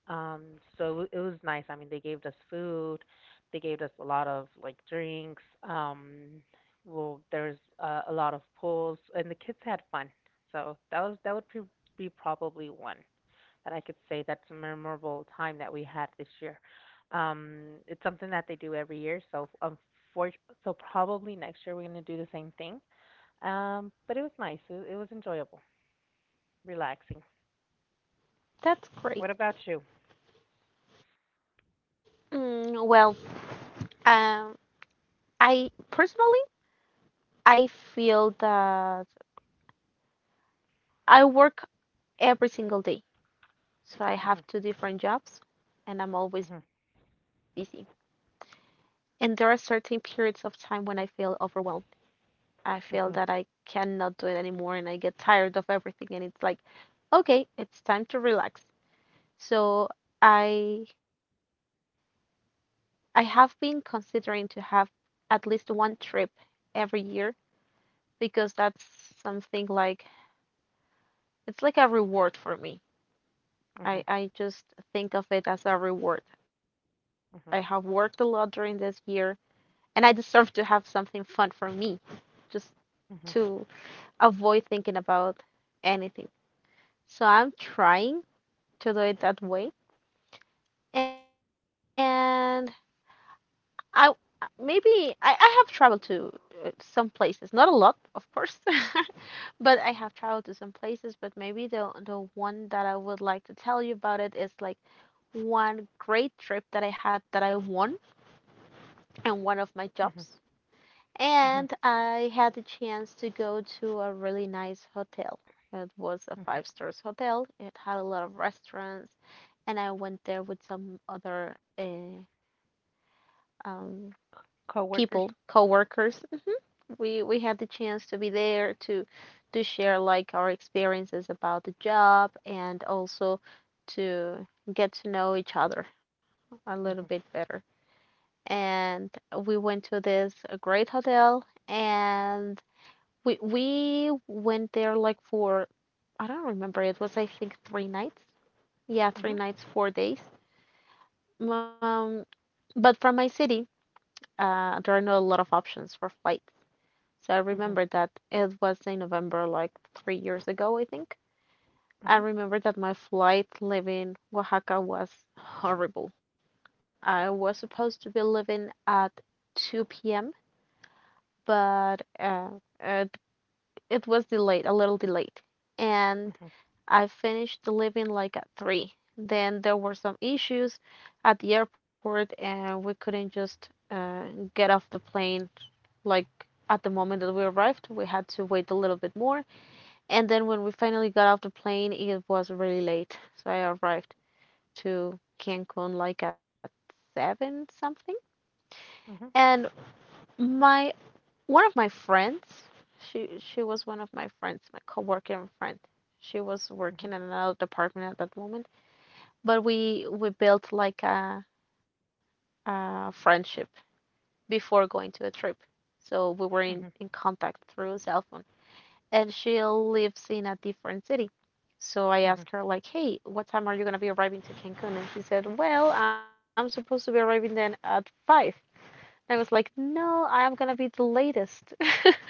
B: Um so it was nice. I mean, they gave us food. They gave us a lot of like drinks. Well, there's a lot of pools and the kids had fun. So that was be probably one that I could say that's a memorable time that we had this year. It's something that they do every year, so for, so probably next year we're gonna do the same thing. But it was nice. It was enjoyable, relaxing. What about you?
A: That's great. Mm, well, um, I personally I feel that I work every single day, so I have two different jobs, and I'm always
B: Mhm,
A: busy. And there are certain periods of time when I feel overwhelmed. I feel that
B: mhm,
A: I cannot do it anymore, and I get tired of everything, and it's like, okay, it's time to relax. So I I have been considering to have at least one trip every year, because that's something like, it's like a reward for me.
B: mhm,
A: I just think of it as a reward. I have worked a lot
B: mhm,
A: during this year, and I deserve to have something fun for me, just
B: mhm,
A: to avoid thinking about anything. So I'm trying to do it that way. And I maybe I have traveled to some places, not a lot, of course, but I have traveled to some places. But maybe the one that I would like to tell you about it is like one great trip that I had, that I won in one of my
B: mhm,
A: jobs,
B: mhm,
A: and I had the chance to go to a really nice hotel. It was a
B: mhm.
A: five stars hotel. It had a lot of restaurants, and I went there with some other um, people,
B: Coworkers.
A: co-workers. We had the chance to be there to share like our experiences about the job, and also to get to know each other a little
B: Mhm,
A: bit better. And we went to this great hotel, and we went there like for, I don't remember, it was I think three nights. Yeah, three
B: mhm,
A: nights, 4 days. Um, but from my city, there are not a lot of options for flight. So I
B: mhm,
A: remember that it was in November, like 3 years ago, I think.
B: mhm,
A: I
B: mhm,
A: remember that my flight leaving Oaxaca was horrible. I was supposed to be leaving at 2 p.m., but it, it was delayed, a little delayed. And
B: mhm,
A: I finished leaving like at 3. Then there were some issues at the airport, and we couldn't just get off the plane like at the moment that we arrived. We had to wait a little bit more. And then when we finally got off the plane, it was really late. So I arrived to Cancun like at 7 something.
B: mhm,
A: And my one of my friends, she was one of my friends, my coworker friend. She was
B: mhm,
A: working in another department at that moment, but we built like a friendship before going to the trip. So we were
B: mhm, mhm, mhm,
A: in contact through cell phone. And she lives in a different city. So I
B: mhm,
A: asked her like, "Hey, what time are you gonna be arriving to Cancun?" And she said, "Well, I'm supposed to be arriving then at 5." I was like, "No, I'm gonna be the latest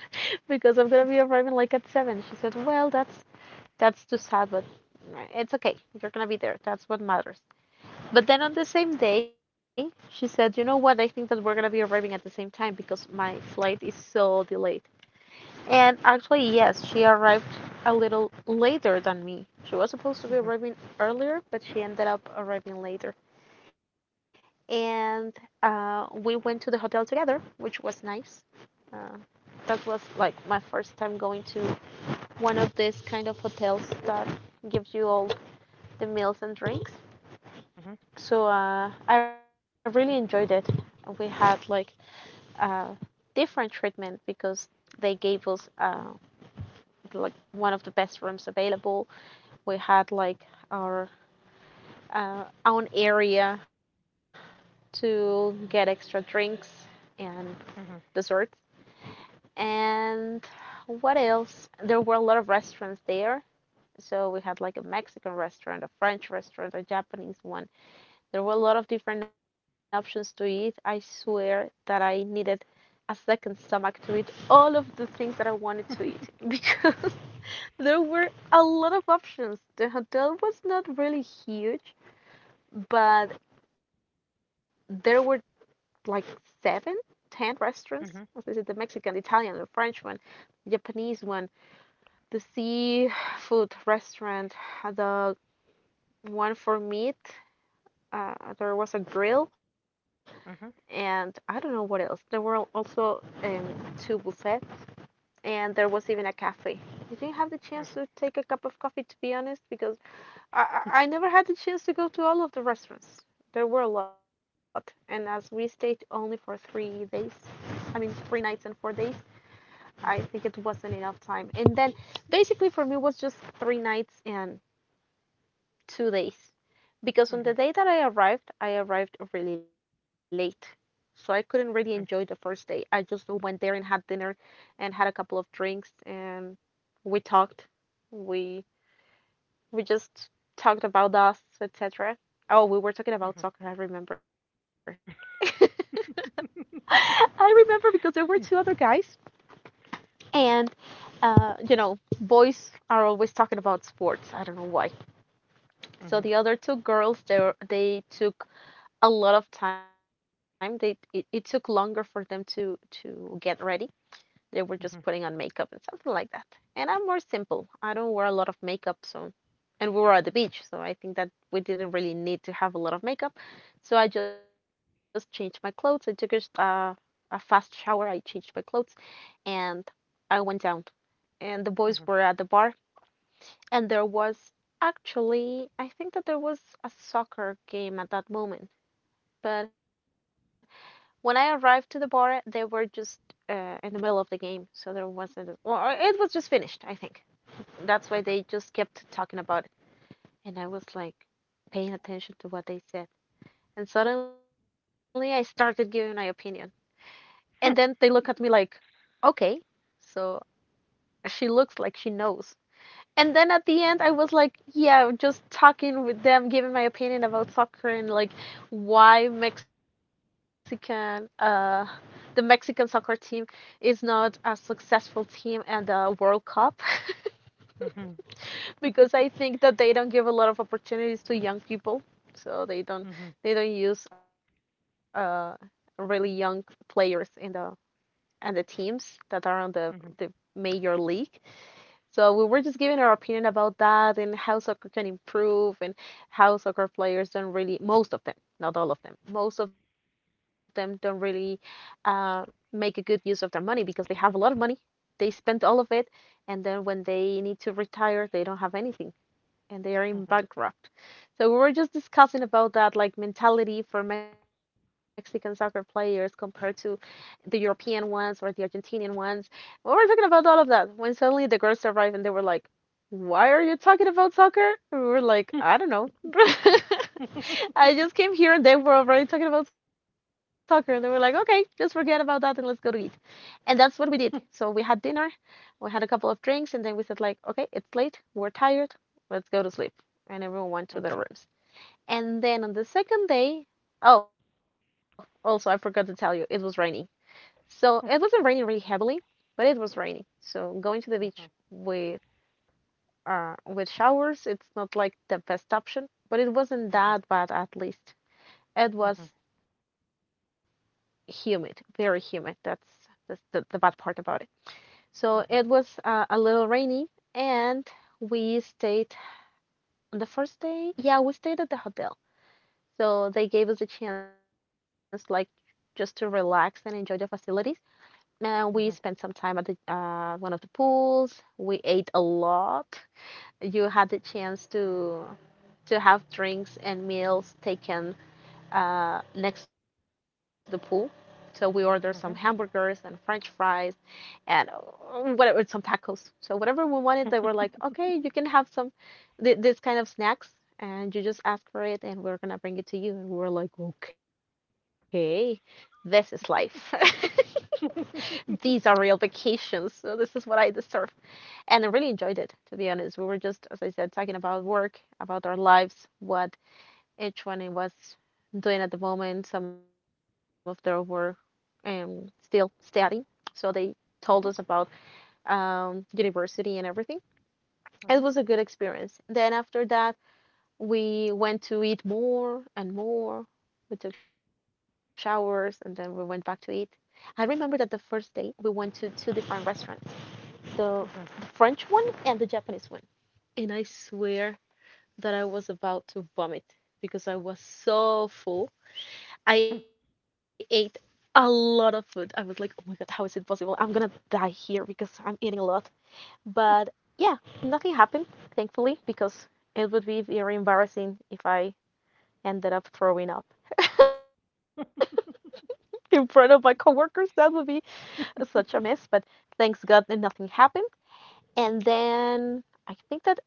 A: because I'm gonna be arriving like at 7." She said, "Well, that's too sad, but it's okay. You're gonna be there. That's what matters." But then on the same day, she said, "You know what? I think that we're gonna be arriving at the same time, because my flight is so delayed." And actually, yes, she arrived a little later than me. She was supposed to be
B: mhm,
A: arriving earlier, but she ended up arriving later. And we went to the hotel together, which was nice. Uh, that was like my first time going to one of these kind of hotels that gives you all the meals and drinks.
B: mhm, mhm, mhm,
A: So I really enjoyed it. We had like uh, different treatment because they gave us like one of the best rooms available. We had like our own area to get extra drinks and desserts. And what else? There were a lot of restaurants there. So we had like a Mexican restaurant, a French restaurant, a Japanese one. There were a lot of different options to eat. I swear that I needed a second stomach to eat all of the things that I wanted to eat, because there were a lot of options. The hotel was not really huge, but there were like 7, 10 restaurants. As I said, the Mexican, the Italian, the French one, the Japanese one, the seafood restaurant, the one for meat. There was a grill, and I don't know what else. There were also two buffets, and there was even a cafe. I didn't have the chance to take a cup of coffee, to be honest, because I, I never had the chance to go to all of the restaurants. There were a lot, and as we stayed only for 3 days, I mean three nights and 4 days, I think it wasn't enough time. And then basically for me it was just three nights and 2 days, because on the day that I arrived really late, so I couldn't really enjoy the first day. I just went there and had dinner, and had a couple of drinks, and we talked. We we just talked about us, etc. Oh, we were talking
B: mhm,
A: about
B: mhm,
A: soccer, I remember. I remember because there were two other guys, and you know, boys are always talking about sports. I don't know why. So
B: mhm,
A: the other two girls, they took a lot of time. It took longer for them to get ready. They were just
B: mhm,
A: putting
B: mhm.
A: on makeup and something like that. And I'm more simple. I don't wear a lot of makeup, so and we were at the beach, so I think that we didn't really need to have a lot of makeup. So I just changed my clothes. I took a fast shower. I changed my clothes and I went down. And the boys
B: Mhm.
A: were at the bar, and there was actually, I think that there was a soccer game at that moment, but when I arrived to the bar, they were just in the middle of the game, so there wasn't. Well, it was just finished, I think.
B: Mhm.
A: That's why they just kept talking about it, and I was like paying attention to what they said. And suddenly, I started giving my opinion, and then they look at me like, "Okay." So she looks like she knows. And then at the end, I was like, yeah, just talking with them, giving my opinion about soccer and like why the Mexican soccer team is not a successful team and the World Cup,
B: Mhm.
A: because I think that they don't give a lot of opportunities to young people, so
B: Mhm.
A: they don't use really young players in the and the teams that are on the
B: Mhm.
A: the major league. So we were just giving our opinion about that and how soccer can improve and how soccer players don't really, most of them, not all of them, most of them don't really uh, make a good use of their money because they have a lot of money, they spend all of it, and then when they need to retire, they don't have anything and they are in
B: Mhm.
A: bankrupt. So we were just discussing about that, like mentality for Mexican soccer players compared to the European ones or the Argentinian ones. We were talking about all of that when suddenly the girls arrived and they were like, "Why are you talking about soccer?" And we were like, "I don't know." I just came here and they were already talking about soccer and they were like, okay, just forget about that and let's go to eat. And that's what we did. So we had dinner, we had a couple of drinks and then we said like, okay, it's late, we're tired, let's go to sleep. And everyone went to
B: Mhm.
A: their rooms. And then on the second day, oh, also I forgot to tell you, it was raining. So it wasn't raining really heavily, but it was raining. So going to the beach with showers, it's not like the best option, but it wasn't
B: Mhm.
A: that bad at least. It
B: Mhm.
A: was humid, very humid. That's the bad part about it. So it
B: Mhm.
A: was a little rainy, and we stayed on the first day. Yeah, we stayed at the hotel. So they gave us a chance, like, just to relax and enjoy the facilities. And we spent
B: Mhm.
A: some time at the one of the pools. We ate a lot. You had the chance to have drinks and meals taken next to the pool. So we ordered some
B: Mhm.
A: hamburgers
B: Mhm.
A: and
B: Mhm.
A: French fries and whatever, some tacos. So whatever we wanted, they were like, okay, you can have some this kind of snacks, and you just ask for it, and we're gonna bring it to you. And we're like, okay, this is life. These are real vacations. So this is what I deserve. And I really enjoyed it, to be honest. We were just, as I said, talking about work, about our lives, what each one was doing at the moment. Some of them were still studying, so they told us about university and everything. It was a good experience. Then after that, we went to eat more and more. We took showers and then we went back to eat. I remember that the first day we went to two different restaurants, the,
B: Mhm. Mhm.
A: the
B: Mhm.
A: French one and the Japanese one. And I swear that I was about to vomit because I was so full. I ate a lot of food. I was like, oh my god, how is it possible? I'm gonna die here because I'm eating a lot. But yeah, nothing happened, thankfully, because it would be very embarrassing if I ended up throwing up in front of my coworkers. That would be such a mess. But thanks God that nothing happened. And then I think that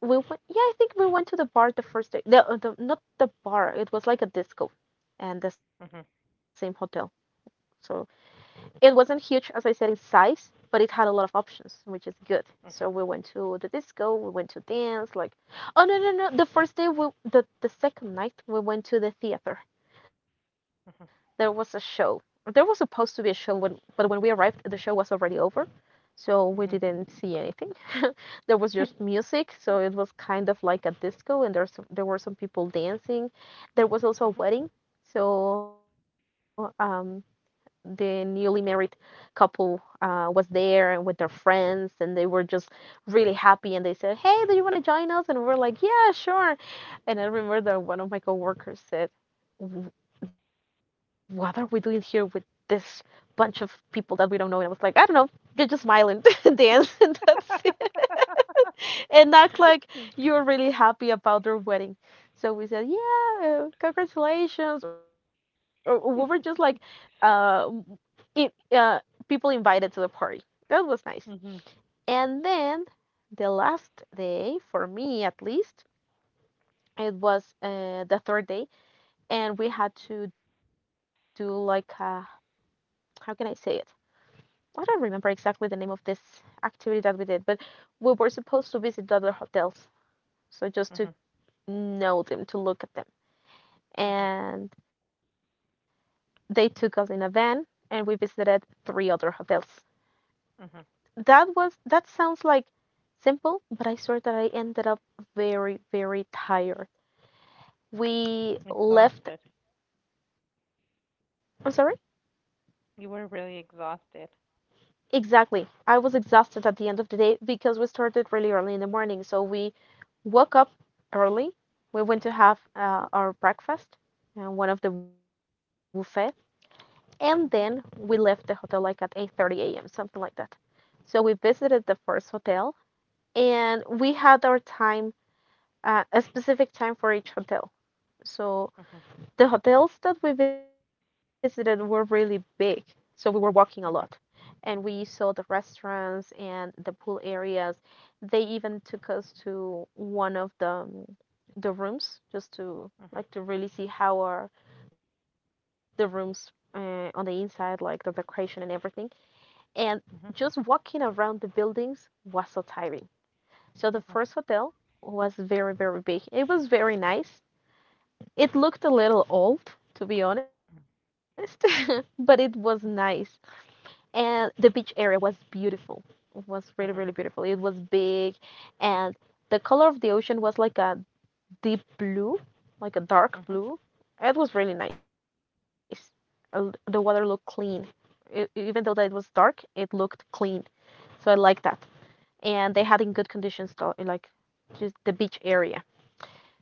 A: we went, yeah, I think we went to the bar the first day. Not the bar, it was like a disco and the same
B: Mhm. Mhm.
A: hotel. So it wasn't huge, as I said, in size, but it had a lot of options, which is good. So we went to the disco, we went to dance, like, oh no no no! The first day, we, the second night, we went to the theater. There was a show. There was supposed to be a show when, but when we arrived, the show was already over, so we didn't see anything. There was just music, so it was kind of like a disco, and there were some people dancing. There was also a wedding, so the newly married couple was there and with their friends and they were just really happy and they said, hey, do you want to join us? And we're like, yeah, sure. And I remember that one of my coworkers said, what are we doing here with this bunch of people that we don't know? And I was like, I don't know, you just smile and dance and that's it, and act like you're really happy about their wedding. So we said, yeah, congratulations, or we were just like uh, it uh, people invited to the party. That was nice.
B: Mhm.
A: And then the last day, for me at least, it was the third day, and we had to do like a, how can I say it? I don't remember exactly the name of this activity that we did, but we were supposed to visit other hotels, so just
B: Mhm.
A: to
B: Mhm.
A: know them, to look at them. And they took us in a van, and we visited three other hotels.
B: Mhm.
A: That was, that sounds like simple, but I swear that I ended up very, very tired. We left,
B: Exhausted.
A: I'm sorry?
B: You were really exhausted.
A: Exactly. I was exhausted at the end of the day because we started really early in the morning. So we woke up early. We went to have our breakfast, one of the buffet, and then we left
B: Mhm.
A: the hotel like at 8:30 a.m., something like that. So we visited the first hotel, and we had our time, a specific time for each hotel. So
B: Mhm.
A: the hotels that we visited were really big, so we were walking a lot.
B: Mhm.
A: And we saw the restaurants and the pool areas. They even took us to one of the the rooms just to
B: Mhm.
A: like to really see how are the rooms on the inside, like the decoration and everything. And just
B: Mhm.
A: walking around the buildings was so tiring. So the
B: Mhm.
A: first hotel was very, very big. It was very nice. It looked a little old, to be honest, but it was nice. And the beach area was beautiful. It was really, really
B: Mhm.
A: beautiful. It was big, and the color of the ocean was like a deep blue, like a dark blue. It was really nice. The water looked clean. Even though that it was dark, it looked clean. So I liked that. And they had in good conditions, like just the beach area.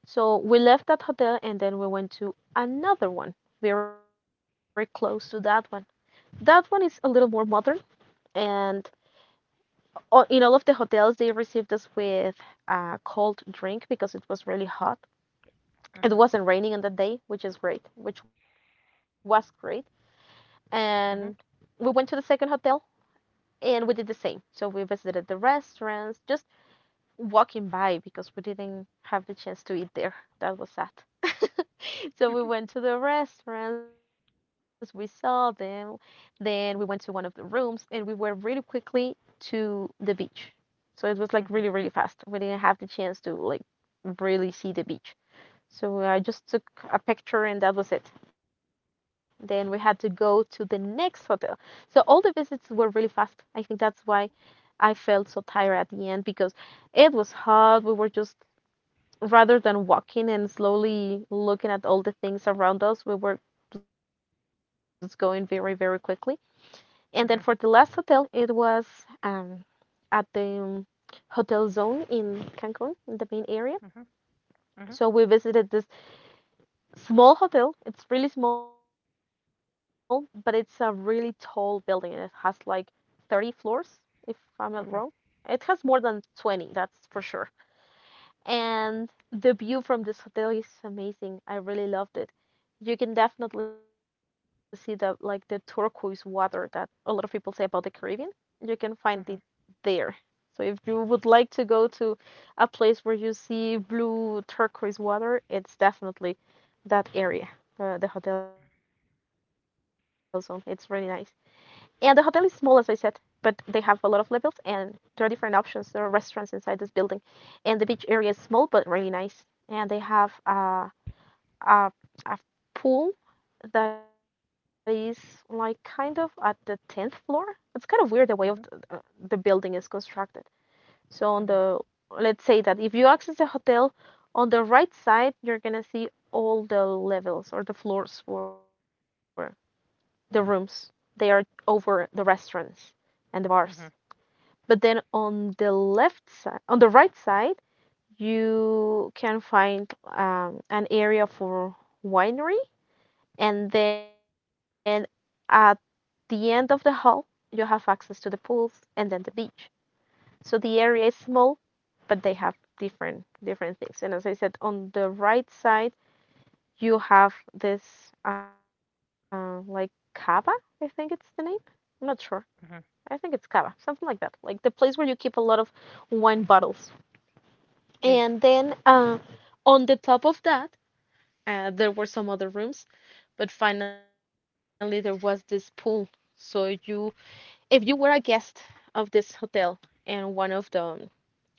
A: So we left that hotel and then we went to another one very close to that one. That one is a little more modern, and in all of the hotels, they received us with a cold drink because it was really hot. It
B: Mhm.
A: wasn't raining on that day, which is great, which was great. And we
B: Mhm. Mhm.
A: went to the second hotel and we did the same. So we visited the restaurants, just walking by because we didn't have the chance to eat there. That was sad. So we went to the restaurants, we saw them, then we went to one of the rooms, and we were really quickly to the beach. So it was like really,
B: Mhm.
A: really fast. We didn't have the chance to like really see the beach. So I just took a picture and that was it. Then we had to go to the next hotel. So all the visits were really fast. I think that's why I felt so tired at the end because it was hot. We were just, rather than walking and slowly looking at all the things around us, we were just going very, very quickly. And then for the last hotel, it was um, at the Hotel Zone in Cancun, in the main area.
B: Mhm. Mhm. Mhm. Mhm. Mhm.
A: So we visited this small hotel. It's really small, but it's a really tall building and it has like 30 floors, if I'm not wrong.
B: Mhm.
A: It has more than 20, that's for sure. And the view from this hotel is amazing. I really loved it. You can definitely see the turquoise water that a lot of people say about the Caribbean. You can find it there. So if you would like to go to a place where you see blue turquoise water, it's definitely that area, the hotel zone. It's really nice. And the hotel is small, as I said, but they have a lot of levels and there are different options. There are restaurants inside this building. And the beach area is small but really nice. And they have a, a pool that is like kind of at the 10th floor. It's kind of weird the way of the building is constructed. So on
B: Mhm. Mhm.
A: the let's say that if you access the hotel on the right side, you're gonna see all the levels or the floors for the rooms. They are over the restaurants and the bars.
B: Mhm.
A: But then on the left side, on the right side, you can find an area for winery, and then at the end of the hall, you have access to the pools and then the beach. So the area is small, but they have different things. And as I said, on the right side, you have this like cava, I think it's the name. I'm not sure,
B: Mhm.
A: I think it's cava, something like that, like the place where you keep a lot of wine bottles.
B: Eh.
A: And then on the top of that, there were some other rooms, but finally there was this pool. So you, if you were a guest of this hotel and one of the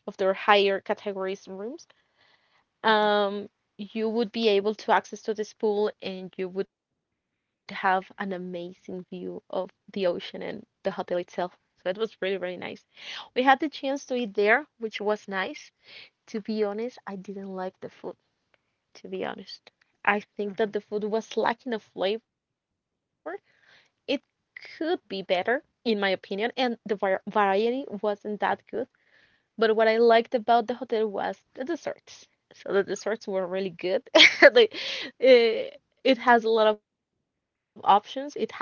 A: of their higher categories rooms,
B: Mhm.
A: um, you would be able to access to this pool and you would have an amazing view of the ocean and the hotel itself. So it was really, really nice. We had the chance to eat there, which was nice. To be honest, I didn't like the food, to be honest. I think that the food was lacking of flavor. It could be better, in my opinion, and the variety wasn't that good. But what I liked about the hotel was the desserts. So the desserts were really good. Like it, it has a lot of options. It had a lot of options.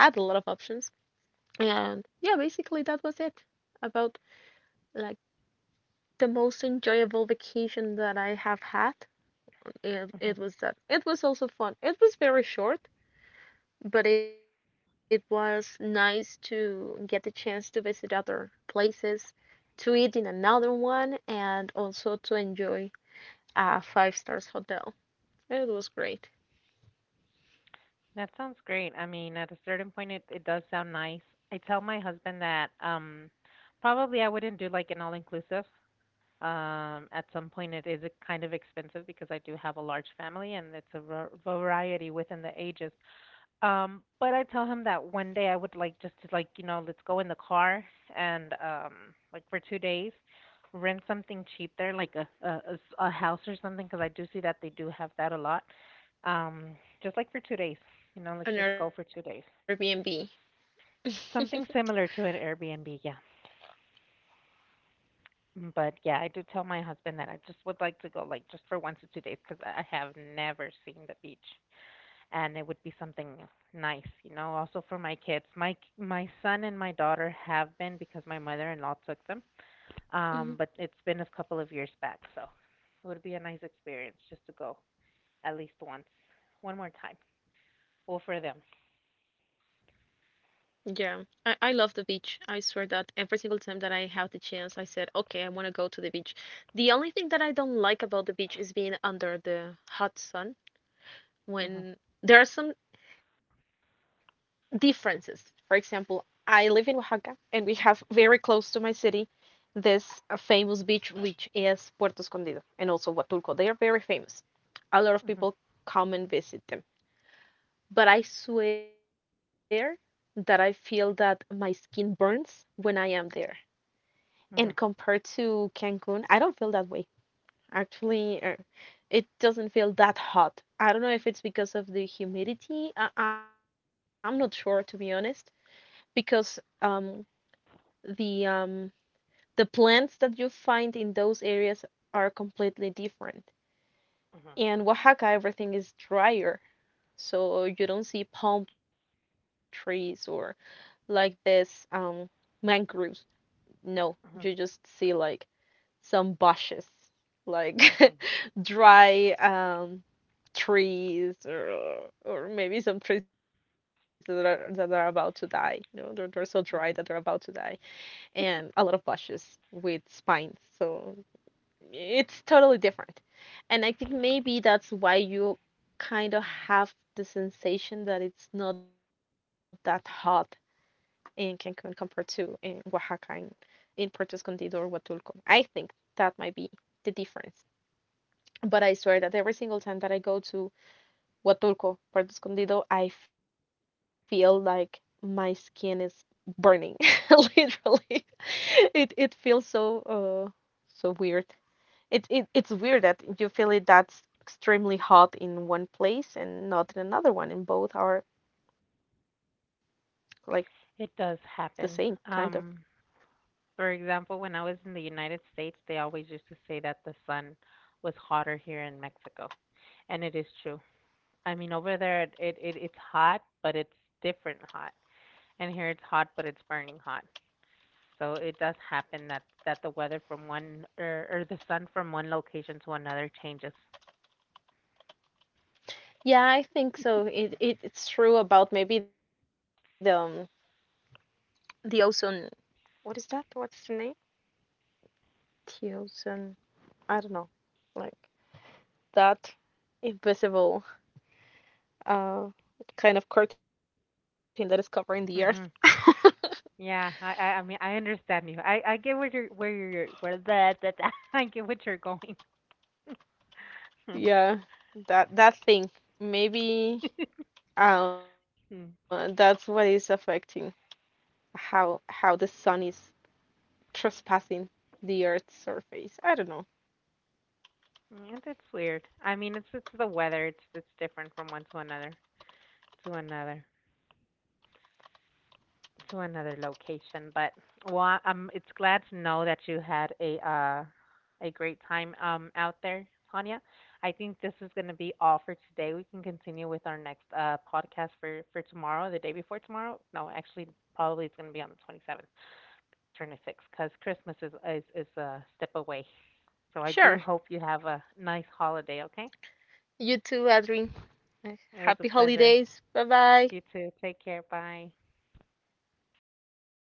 A: And yeah, basically that was it about like the most enjoyable vacation that I have had. It was that. It was also fun. It was very short, but it was nice to get the chance to visit other places, to eat in another one, and also to enjoy a five stars hotel. It was great.
B: That sounds great. I mean, at a certain point, it does sound nice. I tell my husband that probably I wouldn't do like an all inclusive. At some point, it is a kind of expensive because I do have a large family and it's a variety within the ages. But I tell him that one day I would like just to like, you know, let's go in the car and like for 2 days rent something cheap there like a a house or something 'cause I do see that they do have that a lot. Just like for 2 days. You know, let's
A: An
B: just go for 2
A: Airbnb.
B: days. Something similar to an Airbnb, yeah. Mm, but yeah, I do tell my husband that I just would like to go like just for 1 to 2 days 'cause I have never seen the beach. And it would be something nice, you know, also for my kids. My son and my daughter have been because my mother-in-law took them.
A: Mhm.
B: But it's been a couple of years back, so it would be a nice experience just to go at least once, one more time. Well, for them.
A: Yeah, I love the beach. I swear that every single time that I have the chance, I said, okay, I want to go to the beach. The only thing that I don't like about the beach is being under the hot sun
B: Mhm.
A: when there are some differences. For example, I live in Oaxaca and we have very close to my city this famous beach, which is Puerto Escondido and also Huatulco. They are very famous. A lot of
B: Mhm.
A: people come and visit them. But I swear that I feel that my skin burns when I am there. And
B: Mhm.
A: compared to Cancun, I don't feel that way. Actually, it doesn't feel that hot. I don't know if it's because of the humidity. I'm not sure, to be honest, because um, the um, the plants that you find in those areas are completely different.
B: Mhm.
A: In Oaxaca, everything is drier, so you don't see palm trees or like this. Mangroves. No, you
B: Mhm.
A: just see like some bushes, like
B: Mhm.
A: dry trees or maybe some trees that are about to die. They're so dry that they're about to
B: Mhm.
A: die, and a lot of bushes with spines. So it's totally different, and I think maybe that's why you kind of have the sensation that it's not that hot in Cancun compared to in Oaxaca in Puerto Escondido or Huatulco. I think that might be the difference. But I swear that every single time that I go to Huatulco, Puerto Escondido, I feel like my skin is burning, literally. It feels so uh so weird. It's weird that you feel it that's extremely hot in one place and not in another one, and both are like the
B: It does
A: same kind
B: happen.
A: of.
B: For example, when I was in the United States, they always used to say that the sun was hotter here in Mexico, and it is true. I mean, over there it it's hot, but it's different hot, and here it's hot, but it's burning hot. So it does happen that the weather from one or the sun from one location to another changes.
A: Yeah, I think so. It's true about maybe the ozone, what is that? What's the name? Tiosen. I don't know. Like that invisible uh kind of curtain that is covering the earth.
B: Mhm. Yeah, I mean I understand you. I get where you're where that I get what you're going.
A: Yeah, that thing. Maybe that's what
B: Mm,
A: is affecting how the sun is trespassing the earth's surface. I don't know.
B: that's weird. I mean, it's the weather. It's different from one to another to another. To another location. But well, it's glad to know that you had a great time out there, Tanya. I think this is going to be all for today. We can continue with our next podcast for tomorrow, the day before tomorrow. No, actually, probably it's going to be on the 27th, turn to because Christmas is is a step away. So I do
A: Sure.
B: hope you have a nice holiday. Okay,
A: You too, Adrian.
B: it was a
A: Happy
B: pleasure.
A: holidays. Bye bye.
B: You too. Take care. Bye.